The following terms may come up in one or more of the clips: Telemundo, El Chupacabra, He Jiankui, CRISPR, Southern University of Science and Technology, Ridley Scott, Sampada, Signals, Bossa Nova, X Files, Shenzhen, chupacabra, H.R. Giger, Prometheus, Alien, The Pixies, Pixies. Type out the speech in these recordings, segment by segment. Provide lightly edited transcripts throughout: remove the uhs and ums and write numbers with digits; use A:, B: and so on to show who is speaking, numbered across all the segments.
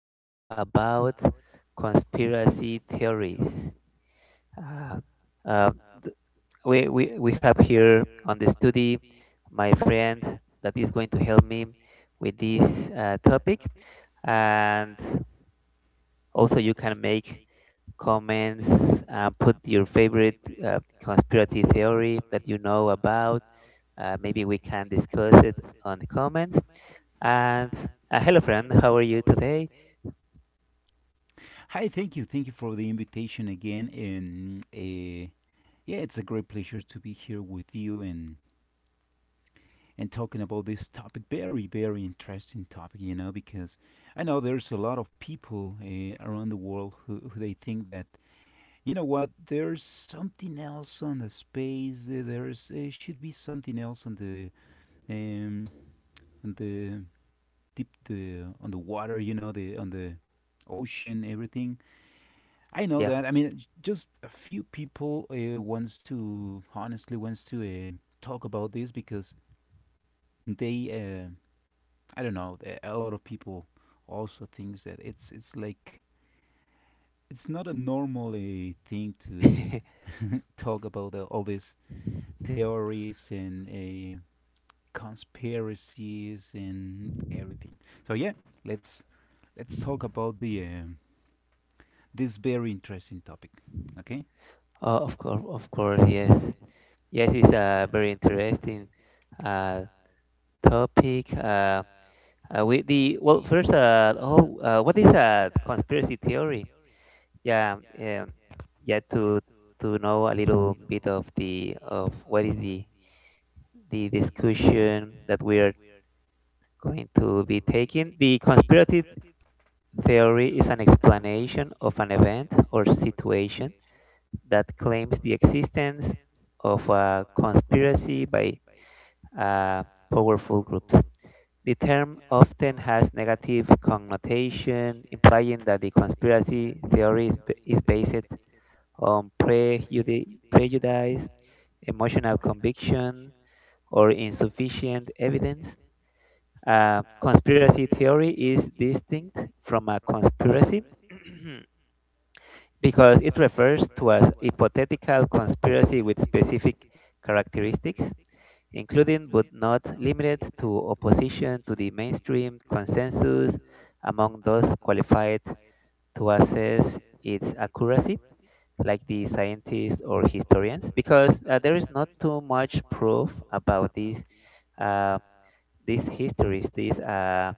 A: to talk about conspiracy theories. Uh, uh, th- we have here on the study my friend that is going to help me with this topic, and also you can make comments and put your favorite conspiracy theory that you know about. Maybe we can discuss it on the comments. And hello, friend. How are you today?
B: Hi, thank you. Thank you for the invitation again. And yeah, it's a great pleasure to be here with you and talking about this topic. Very, very interesting topic, because I know there's a lot of people around the world who they think that you know what there's something else on the space. There's should be something else um on the deep the on the water, the on the ocean, everything I know
A: Yeah.
B: that. I mean, just a few people wants to honestly wants to talk about this because they, uh, I don't know, a lot of people also thinks that it's like it's not a normal thing to talk about all these theories and conspiracies and everything. So yeah, let's let's talk about the this very interesting topic. Okay.
A: Oh, of course, of course. Yes, yes. It's a very interesting uh, topic. With the Well, first, what is a conspiracy theory? Yeah, um, yeah. To know a little bit of the of what is the discussion that we are going to be taking. The conspiracy theory is an explanation of an event or situation that claims the existence of a conspiracy by uh, powerful groups. The term often has negative connotation, implying that the conspiracy theory is based on prejudice, emotional conviction, or insufficient evidence. A conspiracy theory is distinct from a conspiracy because it refers to a hypothetical conspiracy with specific characteristics, including but not limited to opposition to the mainstream consensus among those qualified to assess its accuracy, like the scientists or historians, because there is not too much proof about uh, these histories, these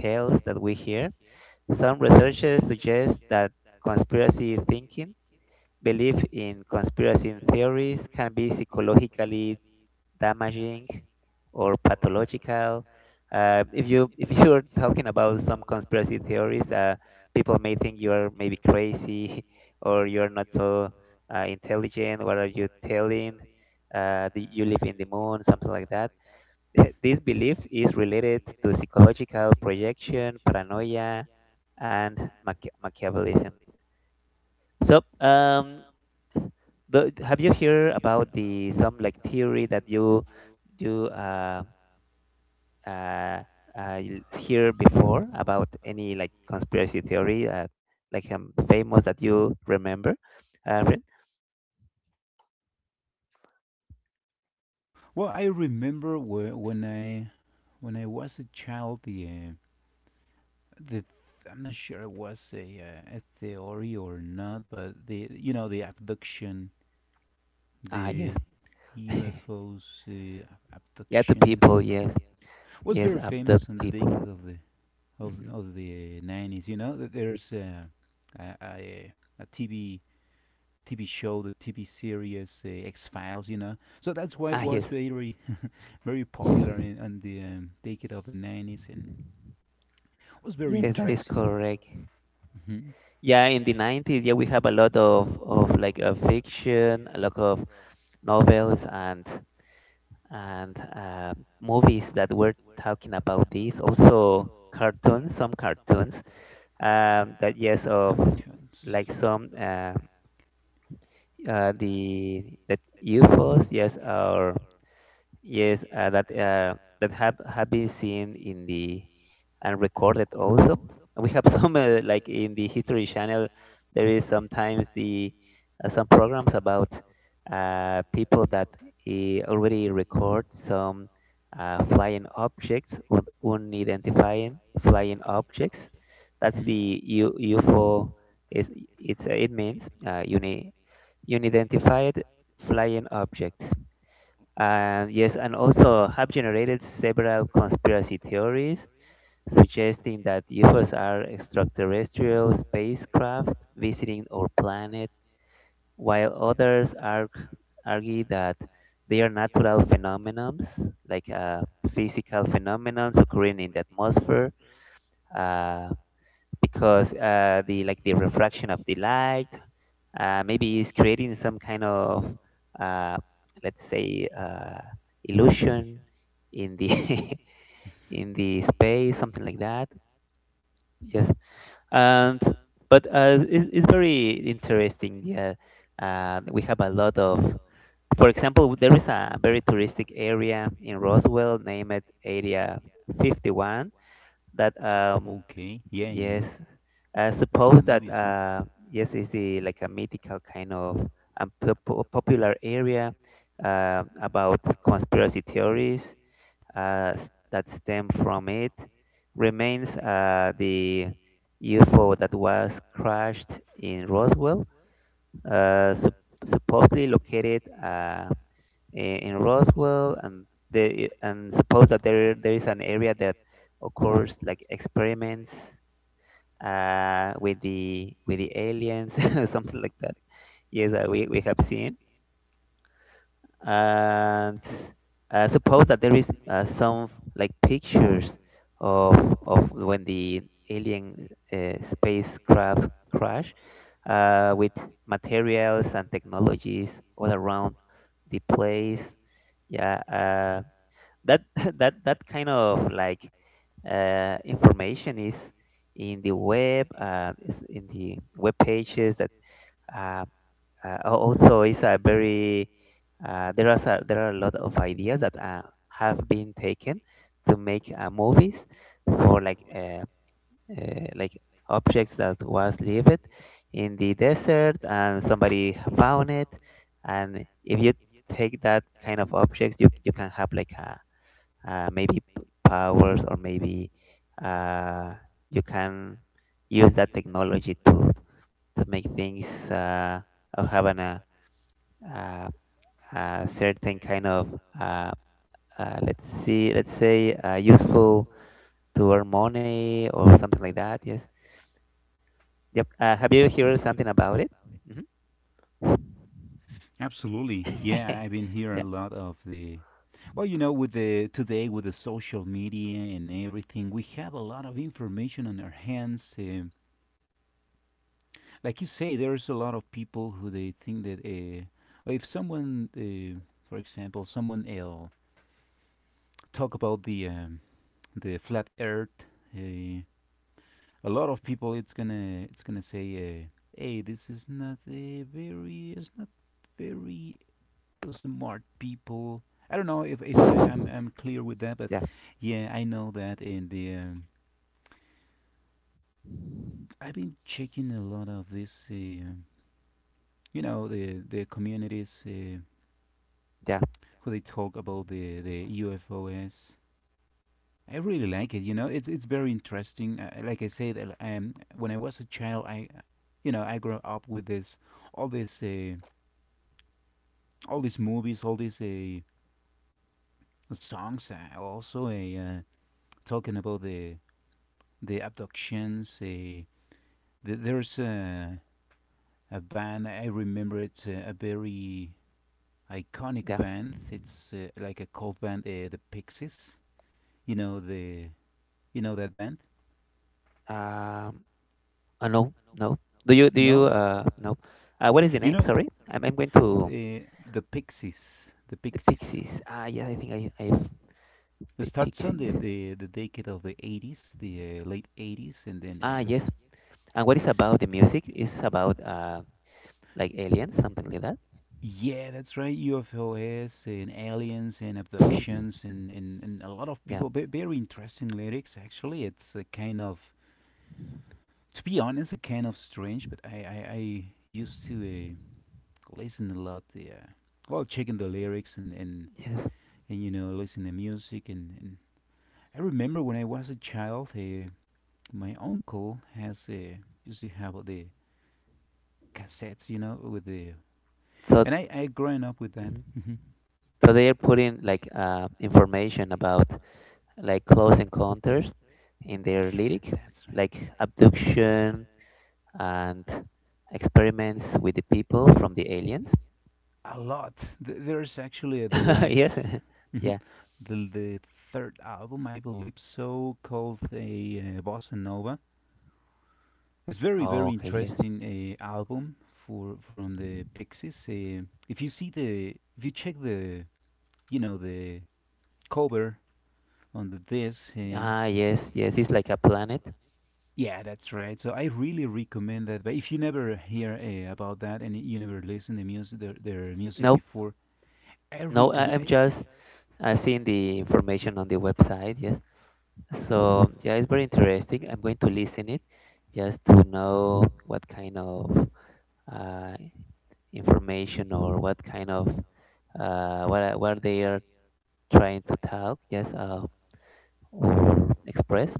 A: tales that we hear. Some researchers suggest that conspiracy thinking. Belief in conspiracy theories can be psychologically damaging or pathological. If you're talking about some conspiracy theories, people may think you are maybe crazy or you're not so intelligent. What are you telling? Do you live in the moon, something like that. This belief is related to psychological projection, paranoia, and Machiavellism. So, have you heard about the some like theory that you uh, uh, you hear before about any like conspiracy theory like famous that you remember, Rin?
B: Well, I remember when I was a child, the th- I'm not sure it was a a theory or not, but the you know the abduction,
A: Ah, yes.
B: the UFOs, yeah, the
A: Yeah, to
B: abduction
A: people, yes,
B: was
A: yes,
B: very
A: abduct
B: famous in the
A: people.
B: decade of the of
A: Hmm.
B: of the 90s. You know, that there's a, a a TV show, the TV series, X Files. You know, so that's why it
A: Ah,
B: was
A: yes.
B: very, very popular in, in the decade of the 90s, and was very
A: Yes, that is
B: interesting.
A: correct.
B: hmm
A: Yeah, in the 90s, yeah, we have a lot of like fiction, a lot of novels and movies that were talking about this. Also, cartoons, some cartoons, that, yes, of
B: Cartoons.
A: like some, uh, the the UFOs, yes, or yes, that have been seen in the and recorded also. And we have some like in the History Channel, there is sometimes the some programs about people that already record some flying objects, un unidentifying flying objects.
B: hmm
A: That's
B: um,
A: the U UFO. Is It's, it means unidentified flying objects. And yes, and also have generated several conspiracy theories suggesting that UFOs are extraterrestrial spacecraft visiting our planet, while argue that they are natural phenomena, like physical phenomena occurring in the atmosphere, uh, because the like the refraction of the light, maybe it's creating some kind of uh, let's say illusion in the in the space, something like that. Yes. And but it's very interesting, yeah. We have a lot of, for example, there is a very touristic area in Roswell, named Area 51, that,
B: Okay. Yeah, yeah. Yes.
A: yes, I
B: There's a
A: suppose that,
B: movie as well.
A: yes, is the, like, a mythical kind of, um, popular area about conspiracy theories, that stem from it, remains the UFO that was crashed in Roswell, uh, sup- supposedly located in Roswell, and the and suppose that there is an area that occurs like experiments with the aliens, something like that. Yes, we have seen, and suppose that there is some like pictures of when the alien spacecraft crash with materials and technologies all around the place. Yeah, that that kind of like information is in the web, is in the web pages, that uh, also is a very there are a lot of ideas that have been taken to make movies, for like objects that was left in the desert and somebody found it, and if you take that kind of objects, you can have like a, maybe powers, or maybe uh, you can use that technology to make things, or have an uh, a certain kind of, uh, let's say, useful to earn money or something like that, yes. Yep, have you heard something about it? Hmm.
B: Absolutely. Yeah, I've been hearing a
A: Yeah,
B: lot of the well, with the today with the social media and everything, we have a lot of information on our hands. Like you say, there's a lot of people who they think that if for example, someone will talk about the flat earth. Uh, a lot of people, it's gonna say, "Hey, this is not a very it's not very smart people." I don't know if I'm clear with that, but
A: yeah,
B: yeah, I know that. And the I've been checking a lot of this, the communities,
A: yeah,
B: who they talk about the UFOs. I really like it. You know, it's very interesting. Like I said, when I was a child, I grew up with this, all this, uh, all these movies, all these songs. Also, talking about the abductions. There's a band I remember. It's a very iconic
A: yeah.
B: band. It's like a cult band, the Pixies. You know the you know that band?
A: um no, no. do you do you
B: No.
A: uh no. What is the name? Sorry, I'm going to.
B: The, the Pixies. The
A: The
B: Pixies.
A: Pixies. Ah, yeah, I think I've
B: It
A: the
B: starts on the,
A: Pixies.
B: the, the decade of the 80s, the late 80s, and then
A: Ah, yes. And what is
B: Pixies.
A: about the music? It's about like aliens, something like that.
B: Yeah, that's right. UFOs and aliens and abductions and a lot of
A: Yeah.
B: people. Very interesting lyrics, actually. It's a kind of, to be honest, a kind of strange, but I used to, listen a lot. Yeah. Well, checking the lyrics and, and
A: Yes.
B: and listen to music, and I remember when I was a child, my uncle has used to have the cassettes, you know, with the,
A: So.
B: and I growing up with that.
A: Mhm. So they are putting like information about like close encounters in their lyric,
B: That's right,
A: like abduction and experiments with the people from the aliens.
B: a lot. There's actually, the last.
A: Yes.
B: Mhm.
A: Yeah.
B: The third album, I believe so, called a, Bossa Nova. It's very,
A: Oh,
B: very
A: okay. Yes.
B: interesting album for from the Pixies. If you see the if you check the you know the cover on this. Um,
A: Ah, yes. Yes. It's like a planet.
B: yeah, that's right. So I really recommend that. But if you never hear about that, and you never listen to music, their music
A: No,
B: before, I
A: no. I,
B: recommend.
A: I'm
B: It's.
A: just, I've seen the information on the website, yes. So yeah, it's very interesting. I'm going to listen it just to know what kind of uh, information, or what kind of, what they are trying to talk, yes, or express.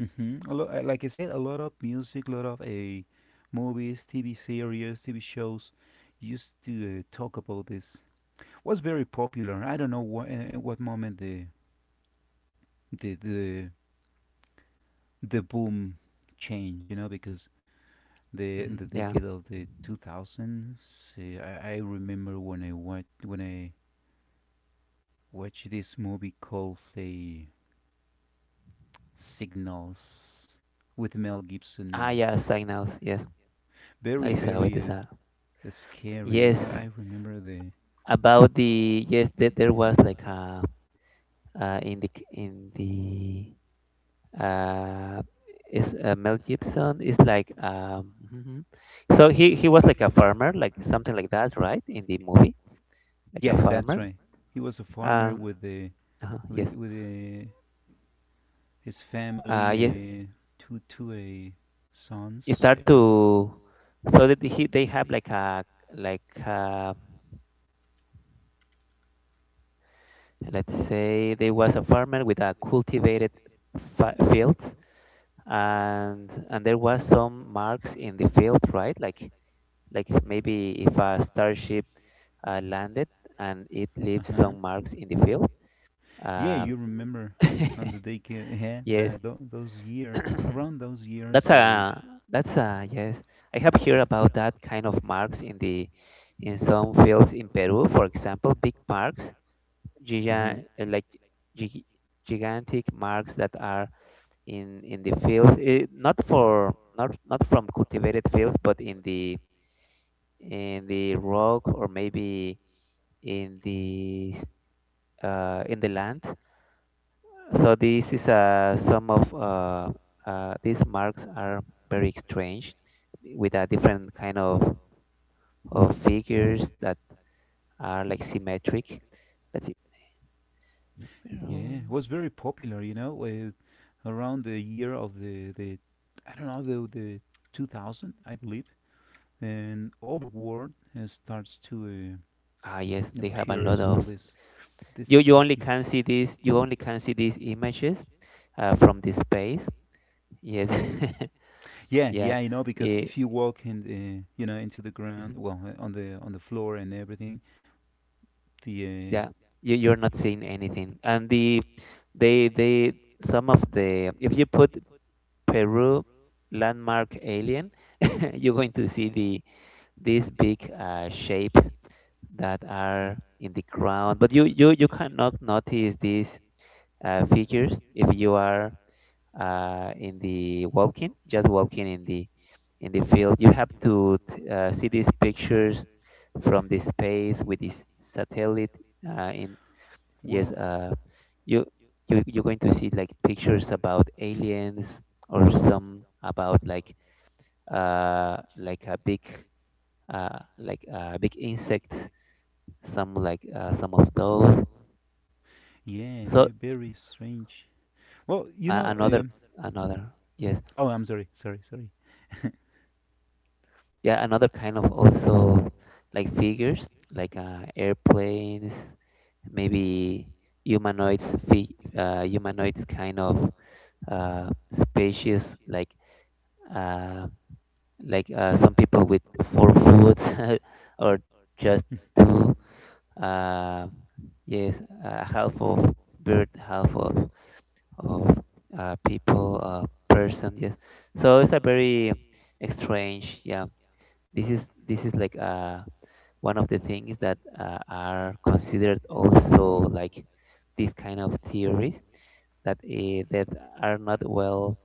B: Mhm. A lot, like I said, a lot of music, a lot of movies, TV series, TV shows used to, talk about this. Was very popular. I don't know what at what moment the the the boom changed. You know, because the
A: Hmm.
B: the
A: Yeah.
B: decade of the 2000s. I remember when I watched this movie called The Signals with Mel Gibson,
A: Ah,
B: and
A: yeah, signals. Yes,
B: very,
A: I saw it.
B: very
A: Is a
B: scary. You know,
A: Yes,
B: I remember the
A: about the, yes, that there was like a, in the, uh is, Mel Gibson is like, mhm. So he was like a farmer, like something like that, right, in the movie, like
B: yeah,
A: a
B: that's
A: farmer.
B: right. He was a farmer
A: um
B: with the with,
A: yes.
B: with uh, his family,
A: Yes.
B: two
A: You
B: sons.
A: start
B: I remember.
A: to, so that he they have like a, like, let's say there was a farmer with a cultivated fields, and there was some marks in the field, right, like maybe if a starship landed and it leaves
B: Uh
A: some
B: huh.
A: marks in the field.
B: Yeah,
A: Uh,
B: you remember on the day, yeah,
A: yes,
B: the, tho- those year, around those years,
A: that's a that's a, yes. I have heard about that kind of marks in the in some fields in Peru, for example, big marks, giga,
B: mhm.
A: like gi- gigantic marks that are in the fields. Eh, not for not not from cultivated fields, but in the rock, or maybe in the s- in the land. So this is, some of, these marks are very strange, with a different kind of figures that are like symmetric. Let's see.
B: yeah, yeah,
A: Um,
B: was very popular, around the year of the I don't know, the 2000, I believe. And all the world starts to
A: ah, yes, they have a lot
B: appears all
A: of.
B: this
A: You
B: sick.
A: only can see this. You only can see these images from this space. Yes.
B: Yeah,
A: Yeah.
B: yeah, I know, because
A: Eh,
B: if you walk in the, you know, into the ground,
A: mhm.
B: well, on the floor and everything, the
A: Yeah. You're not seeing anything. And the they some of the if you put Peru landmark alien, you're going to see these big shapes that are in the ground. But you cannot notice these figures if you are in the walking, just walking in the field. You have to see these pictures from the space with this satellite. Uh, in yes,
B: well,
A: uh, you you're going to see like pictures about aliens, or some about like, uh, like a big like a big insect, some like, some of those.
B: yeah,
A: So
B: very strange. Well,
A: uh, another another, yes,
B: oh, I'm sorry, sorry, sorry.
A: yeah, another kind of also, like figures like airplanes, maybe humanoids, humanoids kind of species, like uh, some people with 4 foot or just two, uh, yes, half of bird, half of, person. Yes, so it's a very strange. Yeah, this is like one of the things that are considered also like this kind of theories that that are not well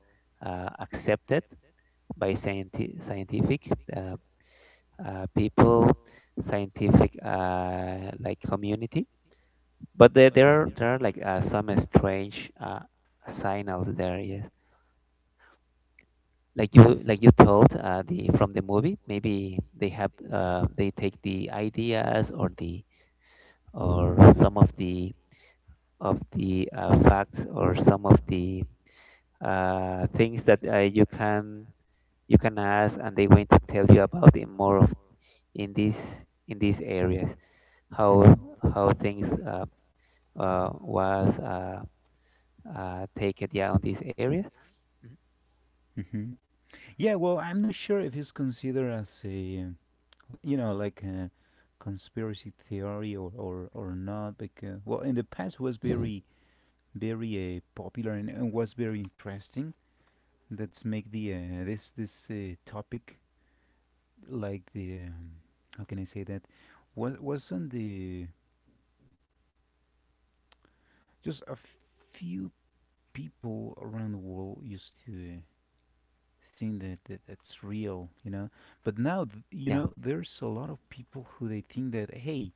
A: accepted by scientific people, scientific, like, community. But there are like some strange signals there, yes, like you, told, the from the movie maybe they have, they take the ideas, or the, or some of the of the, facts, or some of the things that you can ask, and they want to tell you about it more of in this in these areas, how
B: hmm
A: things, was, taken, yeah, on these areas.
B: hmm Yeah, well, I'm not sure if it's considered as a, you know, like a conspiracy theory or not, because, well, in the past was
A: Mhm.
B: very, very popular, and was very interesting. Let make this topic like how can I say that? Was on just a few people around the world used to think that, that it's real, you know. But now, you
A: Yeah,
B: know, there's a lot of people who they think that hey,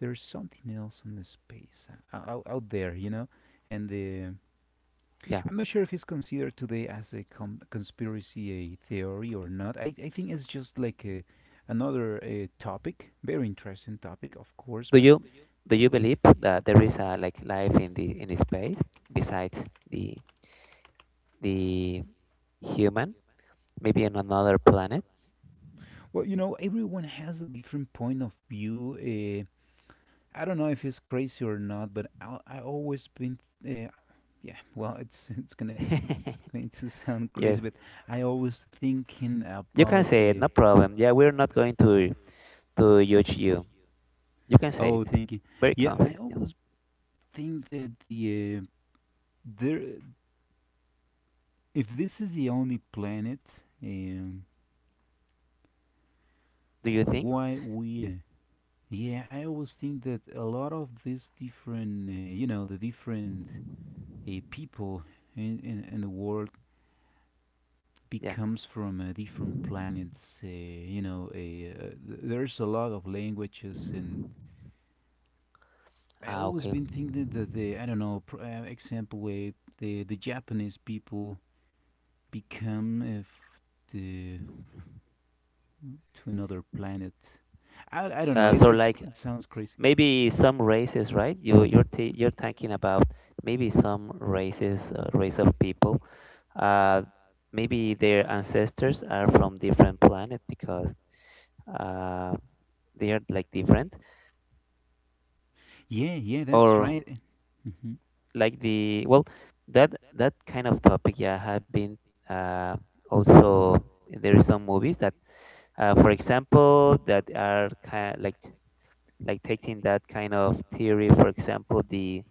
B: there's something else in the space out there, you know. And
A: yeah.
B: I'm not sure if it's considered today as a conspiracy theory or not. I think it's just like another topic, very interesting topic, of course.
A: Do
B: But
A: you do you believe that there is a, like, life in the space besides the the human, maybe in another planet?
B: well, you know, everyone has a different point of view. I don't know if he's crazy or not, but I always been, uh, yeah. Well, it's going to sound crazy,
A: Yes,
B: but I always thinking
A: you can
B: about
A: say it, no
B: the
A: problem. Yeah, we're not going to judge you. You can say it.
B: oh thank you.
A: Very
B: Yeah. I
A: confident. Yeah.
B: always think that there, if this is the only planet, um,
A: Do you think?
B: why we, yeah. I always think that a lot of these different, you know the different people in the world
A: Yeah.
B: becomes from, different planets. You know, there's a lot of languages, and I
A: Ah,
B: always
A: okay.
B: been thinking that the I don't know, example, the Japanese people become, to another planet. I don't know. It
A: So
B: it's
A: like
B: it sounds crazy.
A: maybe some races, right? You're thinking about maybe some races, race of people. Uh, Maybe their ancestors are from different planet because uh, they are like different,
B: Yeah, yeah, that's
A: or
B: right. Mhm,
A: like the well, that kind of topic. Yeah, have been uh, also there is some movies that, for example, that are kind like taking that kind of theory. For example, the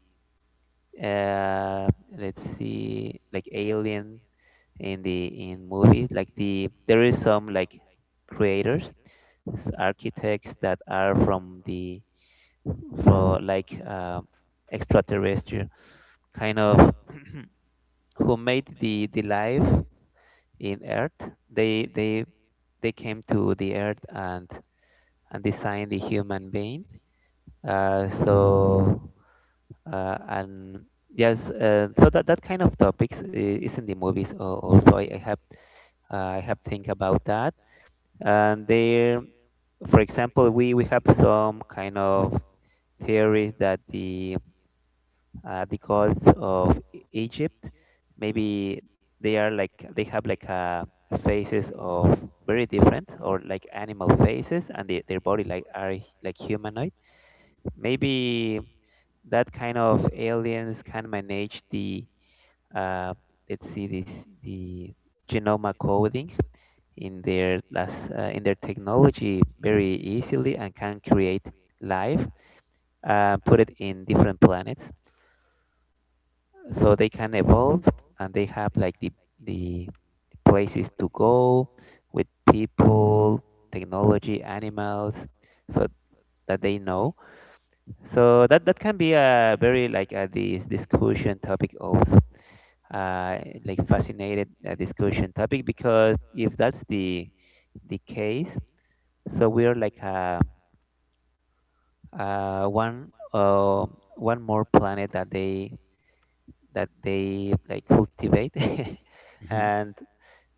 A: uh let's see like alien in the in movies like there is some like creators architects that are from the for like extraterrestrial kind of who made the life in earth they they they came to the earth and designed the human being uh so and that, that kind of topics is in the movies also I have think about that and there, for example, we have some kind of theories that the gods of egypt maybe they are like they have like a faces of very different or like animal faces and they, their body like are like humanoid maybe that kind of aliens can manage the, uh, let's see this the genome coding in their last, in their technology very easily and can create life, put it in different planets, so they can evolve and they have like the places to go with people, technology, animals, so that they know. So that can be a very like a this discussion topic also. uh, like fascinated discussion topic because if that's the case, so we're like one one more planet that they like cultivate.
B: mhm.
A: And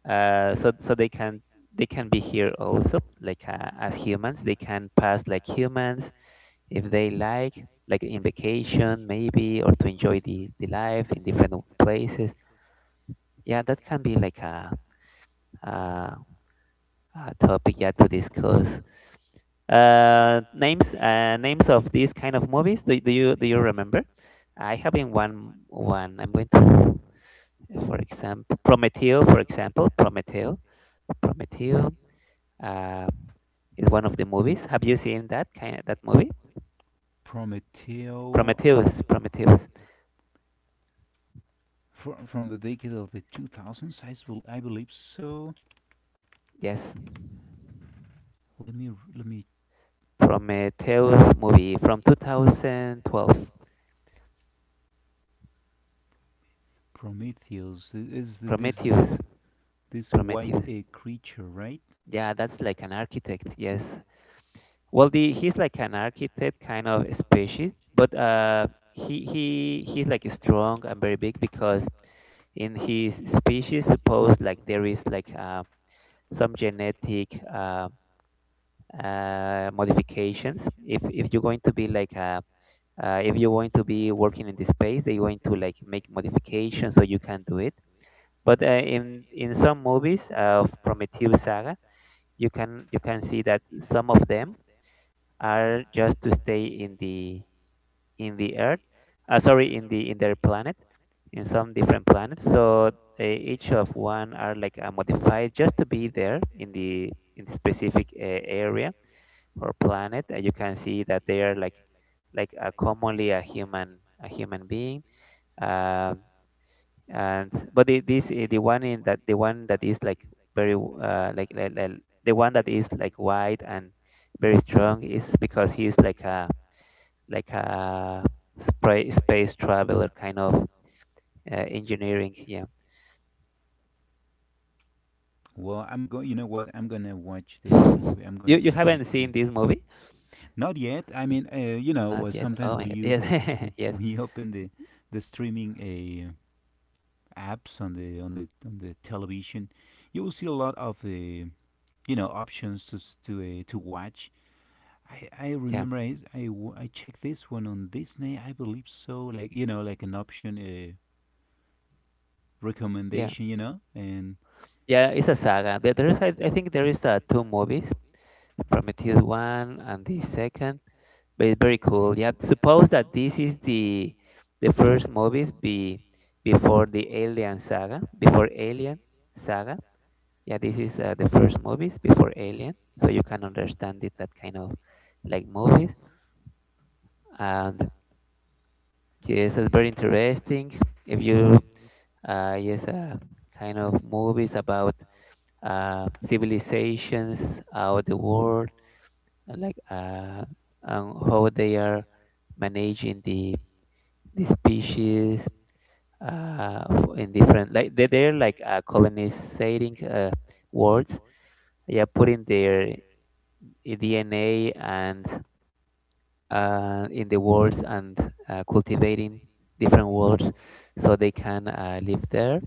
A: so they can be here also like as humans they can pass like humans if they like in vacation maybe or to enjoy the life in different places. Yeah, that can be like a uh, topic yet to discuss. Names of these kind of movies. Do you remember? I have in one. I'm going to, for example, Prometeo. For example, Prometeo. Prometeo, uh, is one of the movies. Have you seen that kind of, that movie?
B: Prometeo
A: Prometheus. Prometheus.
B: from the decade of the 2000s. I believe so.
A: Yes,
B: Let me let me.
A: Prometheus movie from 2012.
B: Prometheus is this this
A: Prometheus.
B: this white
A: Prometheus.
B: creature, right?
A: Yeah, that's like an architect. Yes, Well, the he's like an architect kind of species, but he's like strong and very big because in his species, suppose like there is like some genetic modifications. If you're going to be like if you're going to be working in this space, they're going to like make modifications so you can do it. But in some movies of Prometheus saga, you can see that some of them are just to stay in the Earth, sorry, in the in their planet, in some different planets. So each of one are like modified just to be there in the specific area or planet. You can see that they are like commonly a human being. Um, and but the, this the one in that the one that is like very like the one that is like white and very strong is because he's like a space traveler kind of engineering. Yeah.
B: Well, I'm going. You know what? I'm gonna watch this movie. I'm
A: you
B: going
A: you
B: to
A: haven't
B: take
A: seen
B: the.
A: this movie?
B: Not yet. I mean, or
A: Not yet.
B: sometimes
A: Oh my
B: when
A: god.
B: you
A: Yes. Yes.
B: when you open the streaming apps on the television, you will see a lot of options to to watch. I
A: Yeah.
B: remember I checked this one on Disney, I believe so, like, like an option.
A: Yeah.
B: Recommendation, you know? And
A: Yeah. It's a saga. I think there is two movies, Prometheus one and the second. But it's very cool. Yeah. Suppose that this is the first movies be before the Alien saga, before Alien saga. Yeah, this is the first movies before alien, so you can understand it that kind of like movies. And yes, it's very interesting if you uh, yes uh, kind of movies about civilizations out the world, uh, like uh, and how they are managing the species, in different like they're like colonizing worlds, yeah, putting their DNA and in the worlds and cultivating different worlds so they can live there.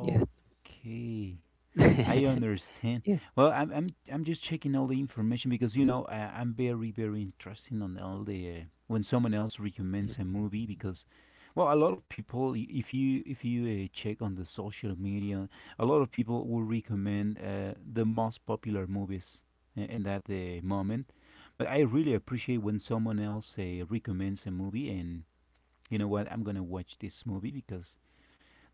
A: Yes.
B: okay. I
A: Yes.
B: understand. Well, I'm just checking all the information, because
A: Mm,
B: I'm very, very interested on all the, when someone else recommends
A: mm.
B: a movie, because well, a lot of people, if you check on the social media, a lot of people will recommend the most popular movies in that moment. But I really appreciate when someone else recommends a movie, and you know what, I'm gonna watch this movie, because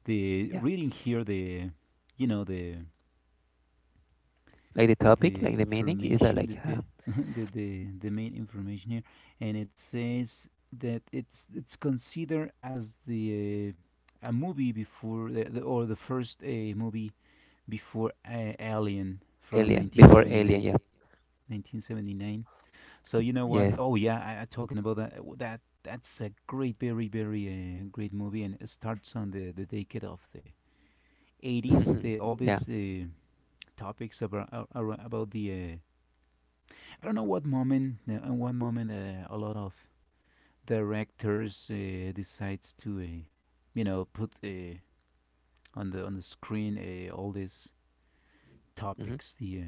B: the
A: Yeah.
B: reading here, the you know
A: Like the topic,
B: the
A: like the meaning is
B: information the
A: like
B: the the main information here, and it says that it's considered as the a movie before the or the first movie before, Alien from
A: alien, before alien,
B: 1979.
A: yeah.
B: 1979 so you know what?
A: Yes.
B: Oh yeah, I talking about that's a great, very, very great movie, and it starts on the decade of the 80s. The all
A: Yeah.
B: these topics about the, I don't know what moment, in one moment, a lot of directors decides to, put on the screen, all these
A: hmm
B: topics, the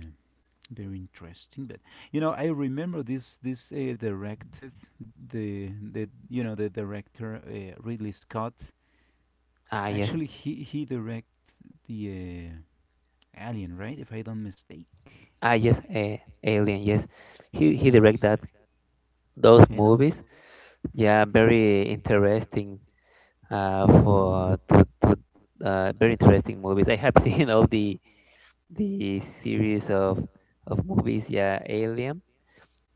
B: very interesting. But I remember this this directed the you know the director, Ridley Scott
A: Ah, yes.
B: actually he direct the Alien, right, if I don't mistake.
A: Ah, yes. Alien, yes. He
B: and
A: direct
B: also
A: that those
B: and also
A: movies. Yeah, very interesting for to very interesting movies. I have seen all the series of movies, yeah, alien.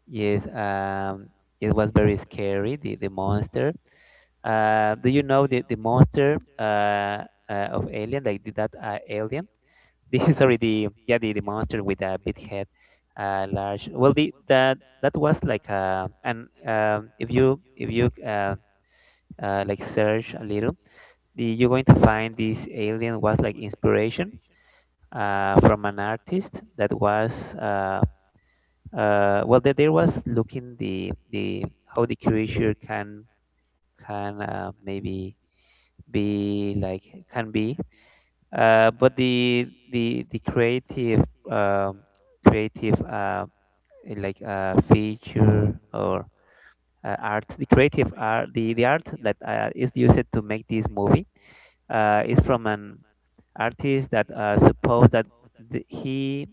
A: Yes. It was very scary, the monster. Do you know the monster of alien, like the, that alien? the sorry the yeah the monster with a big head, large well, the that that was like and if you like search a little, the you're going to find this alien was like inspiration from an artist that was well, there was looking the how the curator can maybe be like can be, but the creative, um, creative, feature or art the creative art, the art that is used to make this movie is from an artist that suppose that the,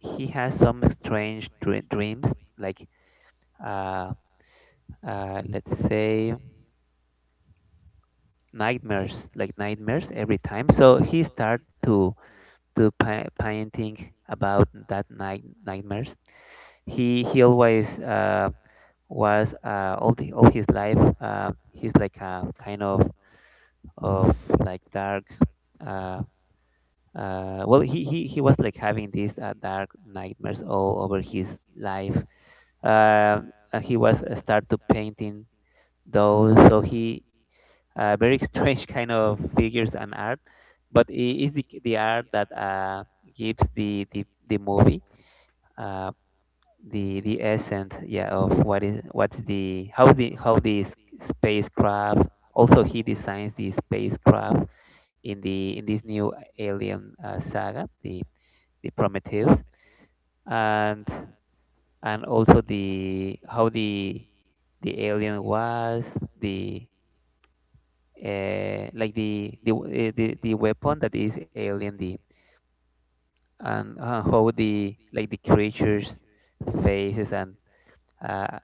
A: he has some strange dreams like uh, let's say nightmares, like nightmares every time, so he started to painting about that night nightmares. He always was all the all his life, he's like a kind of like dark, uh, well he was like having these dark nightmares all over his life, uh, he was start to painting those, so he very strange kind of figures and art, but it is the art that gives the movie uh, the essence, yeah, of what is what's the how the how the spacecraft. Also, he designs the spacecraft in the in this new alien saga, the prometheus. and and also the how the alien was the, like the the weapon that is alien the, and how the like the creatures faces uh,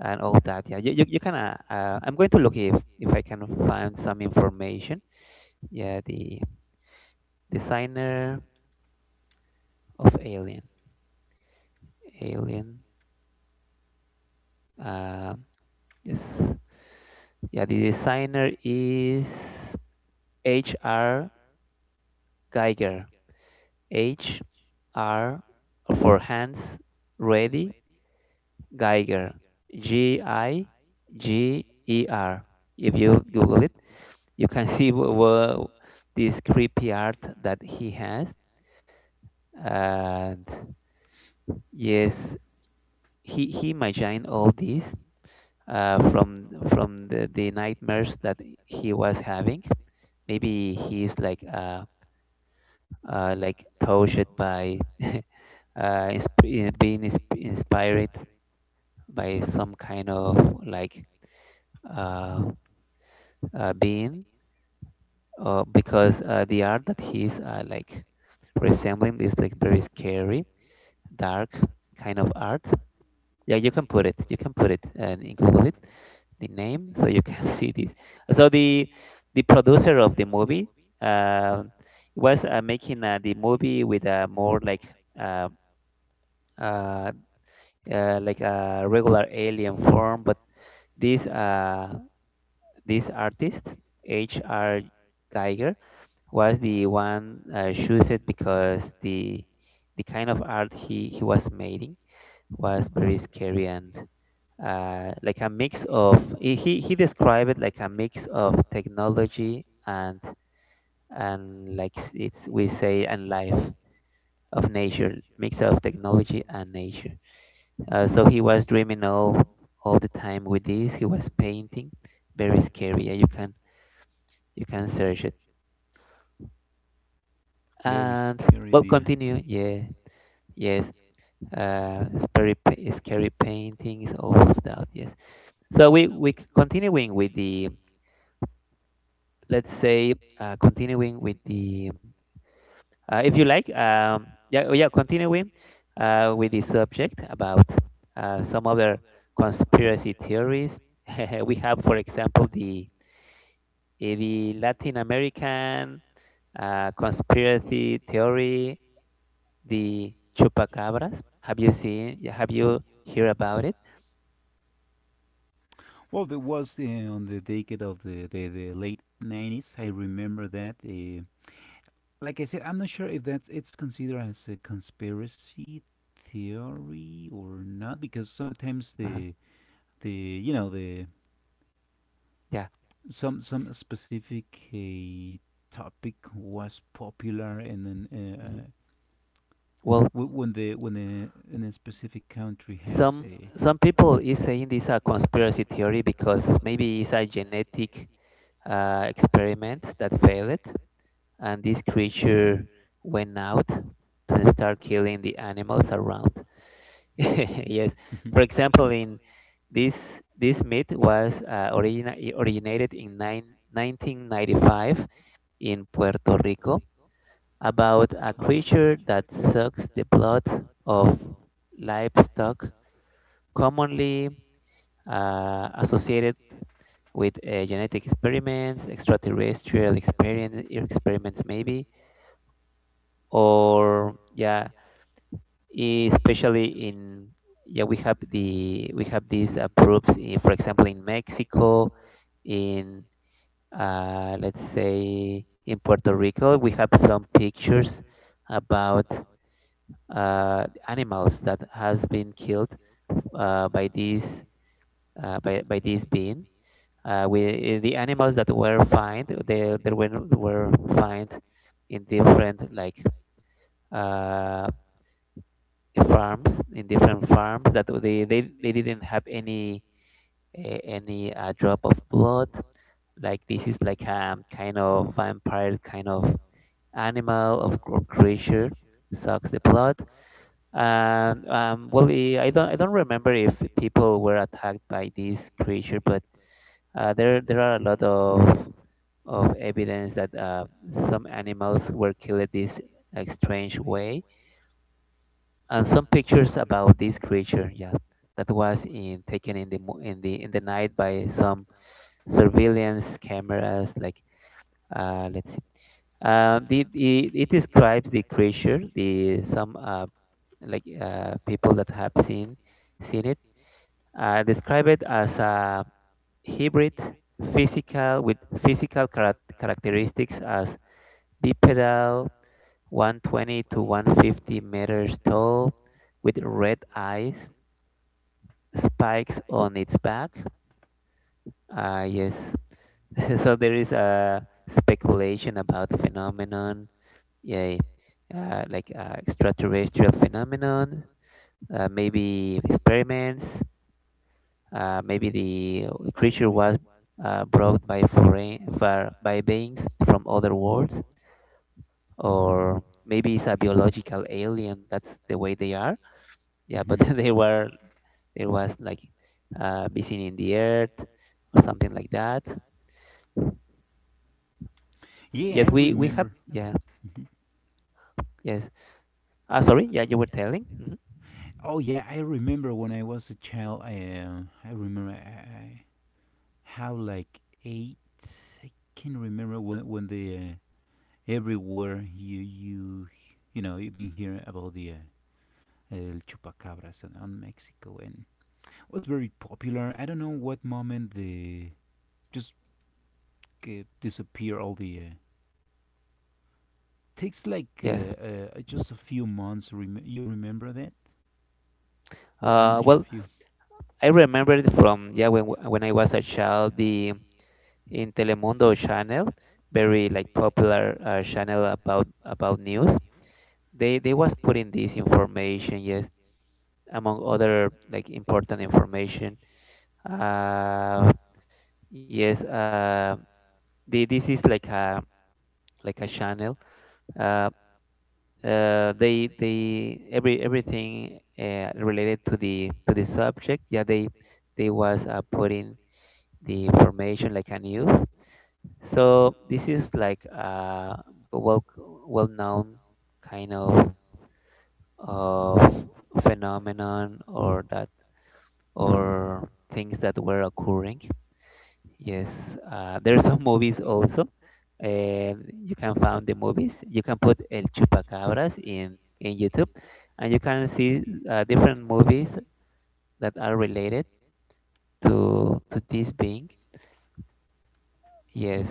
A: and all that. Yeah, you can I'm going to look if I can find some information. Yeah, the designer of alien. Alien. um yes yeah, the designer is hr geiger, h r, for hands ready Geiger, G I G E R. If you Google it, you can see this creepy art that he has. And yes, he imagined all this from the nightmares that he was having. Maybe he's like touched by, being inspired by some kind of like uh, being, because the art that he's like resembling is like very scary, dark kind of art. Yeah, you can put it. You can put it and in Google it the name so you can see this. So the producer of the movie um was making the movie with a more uh, uh, like a regular alien form, but this this artist H.R. Geiger was the one chosen because the kind of art he was making was very scary and like a mix of he described it like a mix of technology and like it's we say and life of nature, mix of technology and nature. So he was dreaming all the time with this, he was painting very scary. Yeah, you can search it,
B: very
A: and
B: scary,
A: well,
B: dear.
A: continue. Yeah. Yes, scary, scary paintings, all of that. Yes. So we continuing with the, let's say continuing with the, if you like yeah, continuing with the subject about some other conspiracy theories. We have, for example, the the Latin American conspiracy theory, the chupacabras. Have you seen? Have you heard about it?
B: Well, there was on the decade of the late 90s. I remember that. Like I said, I'm not sure if that's it's considered as a conspiracy theory or not, because sometimes
A: Uh-huh.
B: the you know the
A: Yeah.
B: some specific topic was popular, and then
A: hmm Well,
B: when the when a, in a specific country has
A: some
B: a.
A: some people is saying this a conspiracy theory because maybe it's a genetic experiment that failed, and this creature went out to start killing the animals around. Yes. For example, in this this myth was originated in 1995 in Puerto Rico, about a
B: Alright. Oh
A: creature
B: really.
A: that sucks the blood of livestock, commonly associated with genetic experiments, extraterrestrial experien experiments maybe, or yeah, especially in we have these proofs in, for example in Mexico. In Let's say in Puerto Rico, we have some pictures about animals that has been killed uh, by these by this being. The animals that were found, were found in different like uh, farms, in different farms, that they didn't have any drop of blood. Like this is like a kind of vampire, kind of animal of or creature, sucks the blood. And well, I don't remember if people were attacked by this creature, but there are a lot of evidence that some animals were killed this strange way, and some pictures about this creature, yeah, that was in taken in the mo- in the night by some surveillance cameras. Like let's see. The It describes the creature the some like people that have seen it describe it as a hybrid, physical, with physical characteristics as bipedal, 120 to 150 meters tall, with red eyes, spikes on its back. Yes. so there is a speculation about phenomenon, yeah, like extraterrestrial phenomenon, maybe experiments, maybe the creature was brought by beings from other worlds, or maybe it's a biological alien. That's the way they are. Yeah, but
B: hmm
A: they were there was like missing in the earth, or something like that.
B: Yeah, I
A: Yes, we have.
B: remember.
A: Yeah. Yes. Ah, sorry. Yeah, you were telling. Mhm.
B: Oh yeah, I remember when I was a child. I remember, I how like 8. I can remember when the everywhere you've been hearing about the El Chupacabras on Mexico, and was very popular. I don't know what moment the just disappear all the. Takes like,
A: Yes.
B: just a few months. You remember that, or I'm not sure
A: Well,
B: if you.
A: I remember it from yeah when when I was a child, the in Telemundo channel, very like popular channel about news. They was putting this information, yes, among other like important information. Uh, yes. This is like a channel. Uh, they every Everything related to the subject, yeah, they was putting the information like a news. So this is like a well, well known kind of phenomenon, or that or things that were occurring. Yes, there are some movies also, and you can find the movies. You can put El Chupacabras in YouTube, and you can see different movies that are related to this being. Yes.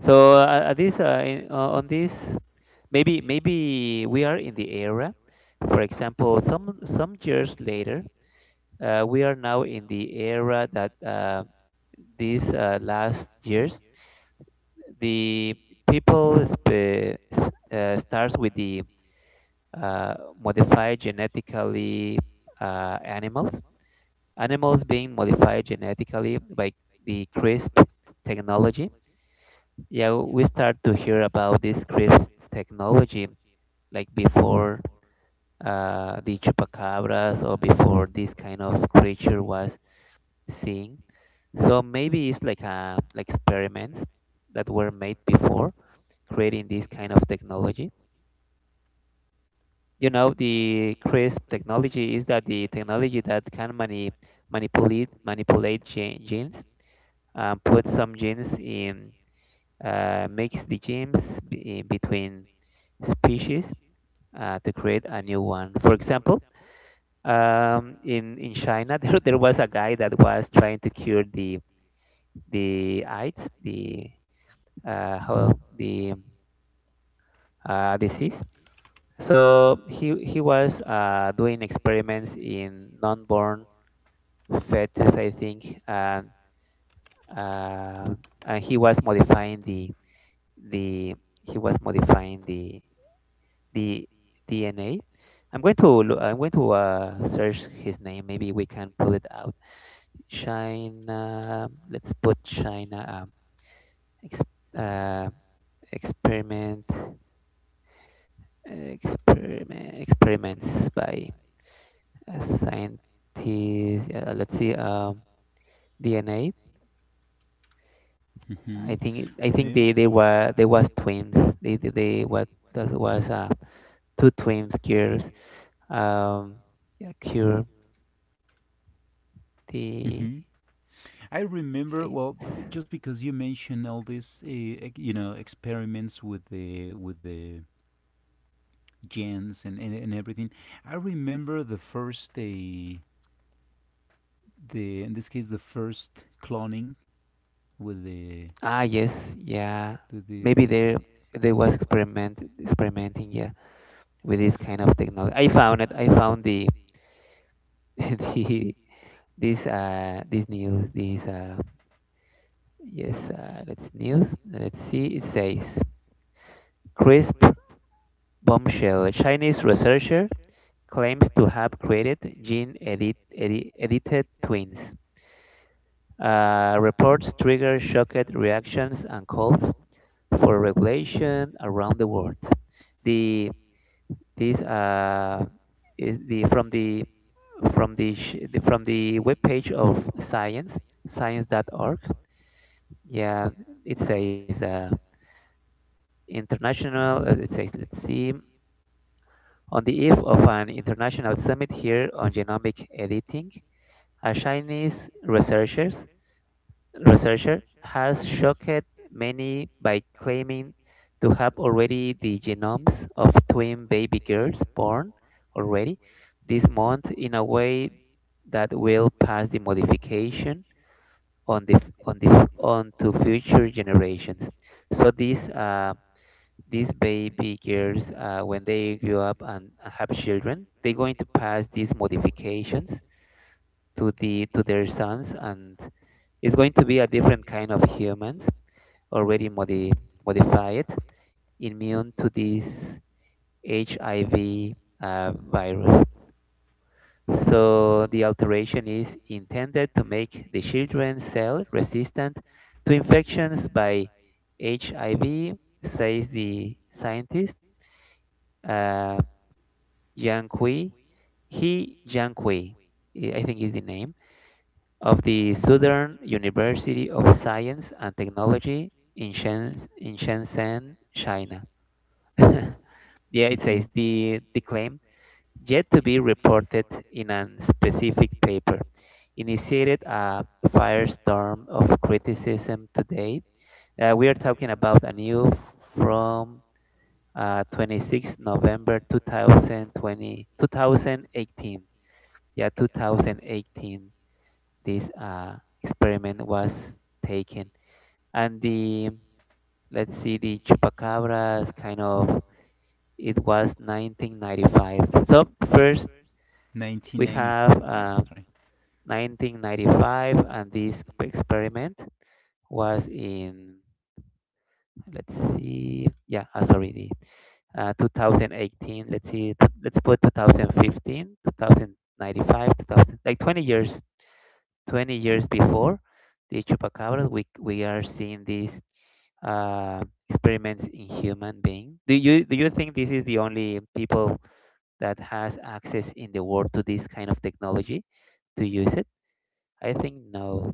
A: So on this, maybe maybe we are in the era. For example, some years later, we are now in the era that these last years, the people starts with the uh, modify genetically animals. Animals being modified genetically by the CRISP technology. Yeah, we start to hear about this CRISP technology like before the chupacabras, or before this kind of creature was seen. So maybe it's like experiments that were made before creating this kind of technology. You know, the crisp technology is that the technology that can manipulate genes, put some genes in, mix the genes between species, to create a new one. For example, in China, there was a guy that was trying to cure the AIDS, the how the disease. So he was doing experiments in non-born fetus, I think, uh, and he was modifying the the he was modifying the DNA. I'm going to search his name. Maybe we can pull it out. China. Let's put China. Ex, uh, Experiment. Experiments by a scientist. Let's see. DNA.
B: hmm
A: I think
B: Yeah.
A: they was twins. They what That was two twins cures. Um, yeah, cure the
B: Mhm. I remember,
A: eight.
B: well, just because you mentioned all these, experiments with the gens, and everything. I remember the first the in this case the first cloning with
A: Ah yes, yeah.
B: the
A: Maybe
B: this.
A: they was experimenting, yeah, with this kind of technology. I found it. I found the the this news. This yes Let's news. Let's see. It says crisp bombshell. Chinese researcher claims to have created edited twins. Reports trigger shocked reactions and calls for regulation around the world. The this is the from the from the, sh- the from the webpage of science.org. Yeah, it says international. It says let's see, on the eve of an international summit here on genomic editing. A Chinese researcher has shocked many by claiming to have already the genomes of twin baby girls born already this month, in a way that will pass the modification on the on the on to future generations. So these baby girls, when they grow up and have children, they're going to pass these modifications to their sons, and is going to be a different kind of humans already modified, immune to this hiv virus. So the alteration is intended to make the children's cell resistant to infections by hiv, says the scientist, uh, Yang Kui. He Yang Kui, I think is the name, of the Southern University of Science and Technology in, in Shenzhen, China. yeah,
B: Yeah,
A: it says
B: mhm,
A: the claim, yet to be reported in a specific paper, initiated a firestorm of criticism today. We are talking about a new from 26 November 2020, 2018. Yeah, 2018 this experiment was taken. And the let's see, the chupacabras kind of, it was 1995. So first we have
B: 1995. That's right.
A: 1995, and this experiment was in, let's see, yeah, sorry the 2018. Let's see, let's put 2015, 2095, 2000, like 20 years, 20 years before the chupacabras we are seeing this uh, experiments in human being. Do you think this is the only people that has access in the world to this kind of technology to use it? I think no.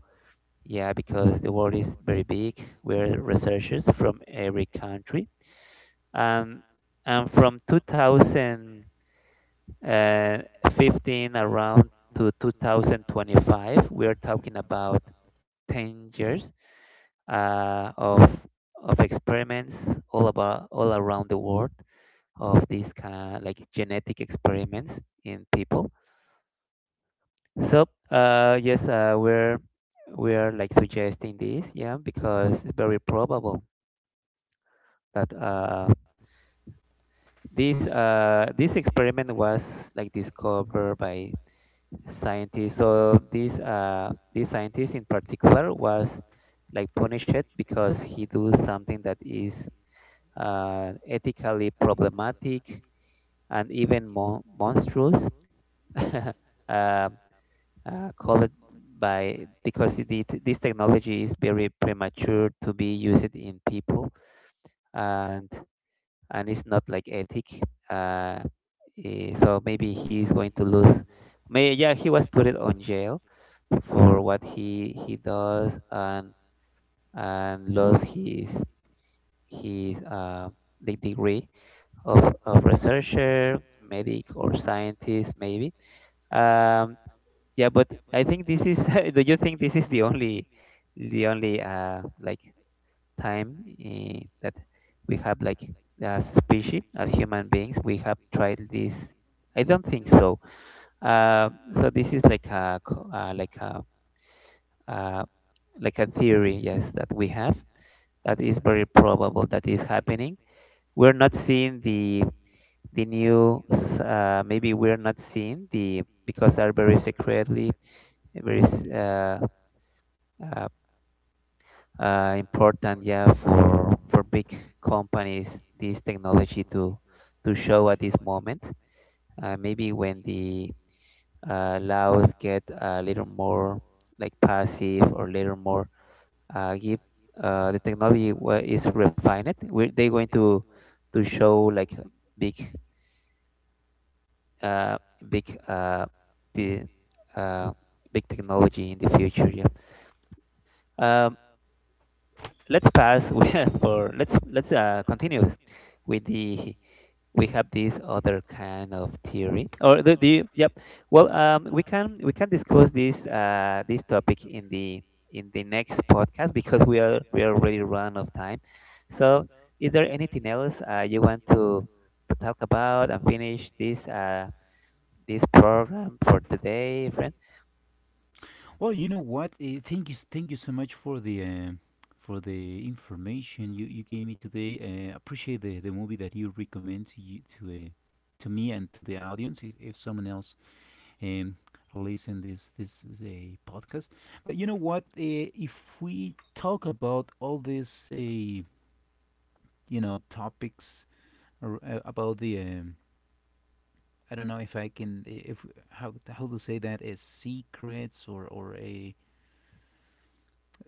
A: Yeah, because the world is very big. We're researchers from every country. Um, and from 2015 around to 2025, we are talking about 10 years uh, of of experiments all around the world, of these kind, like genetic experiments in people. So yes, we're like suggesting this, yeah, because it's very probable that this experiment was like discovered by scientists. So this scientist in particular was like punished because he do something that is ethically problematic, and even more monstrous. Um Call it by because this technology is very premature to be used in people, and and it's not like ethic. uh, so maybe he is going to lose, may yeah, he was put it on jail for what he does, and lost his the degree of researcher, medic or scientist maybe. um, yeah, but I think this is, do you think this is the only like time that we have like, as species, as human beings, we have tried this? I don't think so. uh, so this is like uh, like a theory, yes, that we have, that is very probable that is happening. We're not seeing the maybe we're not seeing the because are very secretly, very s- uh, uh, important, yeah, for big companies this technology to show at this moment. Maybe when the laws get a little more like passive, or little more give the technology is refined, we they're going to show like big uh, big the uh, big technology in the future, yeah. um, let's pass
B: Yeah.
A: with- for let's
B: with,
A: continue with the, we have this other kind of theory or the, yep. Well, we can discuss this this topic in the next podcast, because we are already run out of time. So, is there anything else you want to talk about and finish this this program for today, friend?
B: Well, you know what? Thank you, thank you so much for the information you gave me today. Appreciate the movie that you recommend to me and to the audience. If someone else um listen this. Is a podcast, but you know what? If we talk about all these topics, or, about the I don't know if I can, eh, if how to say that, as secrets, or a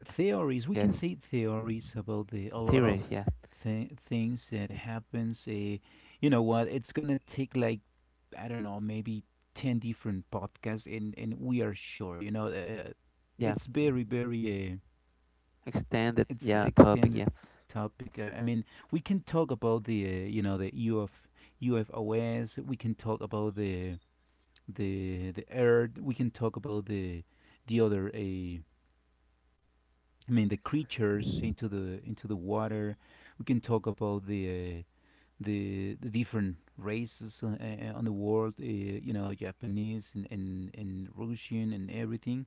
B: theories, we
A: Yes,
B: can say theories about the a lot
A: theories,
B: of
A: yeah.
B: things that happens, you know what, it's gonna take like, I don't know, maybe 10 different podcasts, and we are sure,
A: Yeah,
B: it's very, very
A: extended,
B: it's
A: yeah, topic, yeah.
B: extended topic, I mean we can talk about the you know the uf ufos, we can talk about the earth, we can talk about the other, I mean the creatures into the water. We can talk about uh, the different races on the world. Japanese, and Russian, and everything.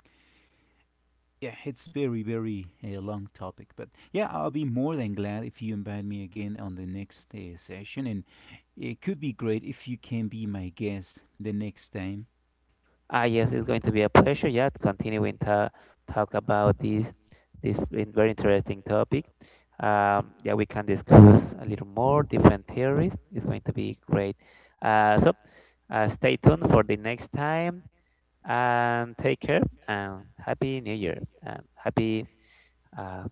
B: Yeah, it's very, very long topic, but yeah, I'll be more than glad if you invite me again on the next session, and it could be great if you can be my guest the next time.
A: Ah, yes, it's going to be a pleasure. Yeah, to continue and talk about this this very interesting topic. Yeah, we can discuss a little more different theories. It's going to be great. So, stay tuned for the next time, and take care, and happy New Year, and happy uh,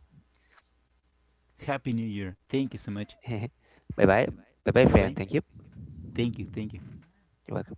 B: Happy New Year! Thank you so much.
A: bye bye. Bye bye,
B: Bye
A: friend.
B: bye.
A: Thank you.
B: Thank you. Thank you.
A: You're welcome.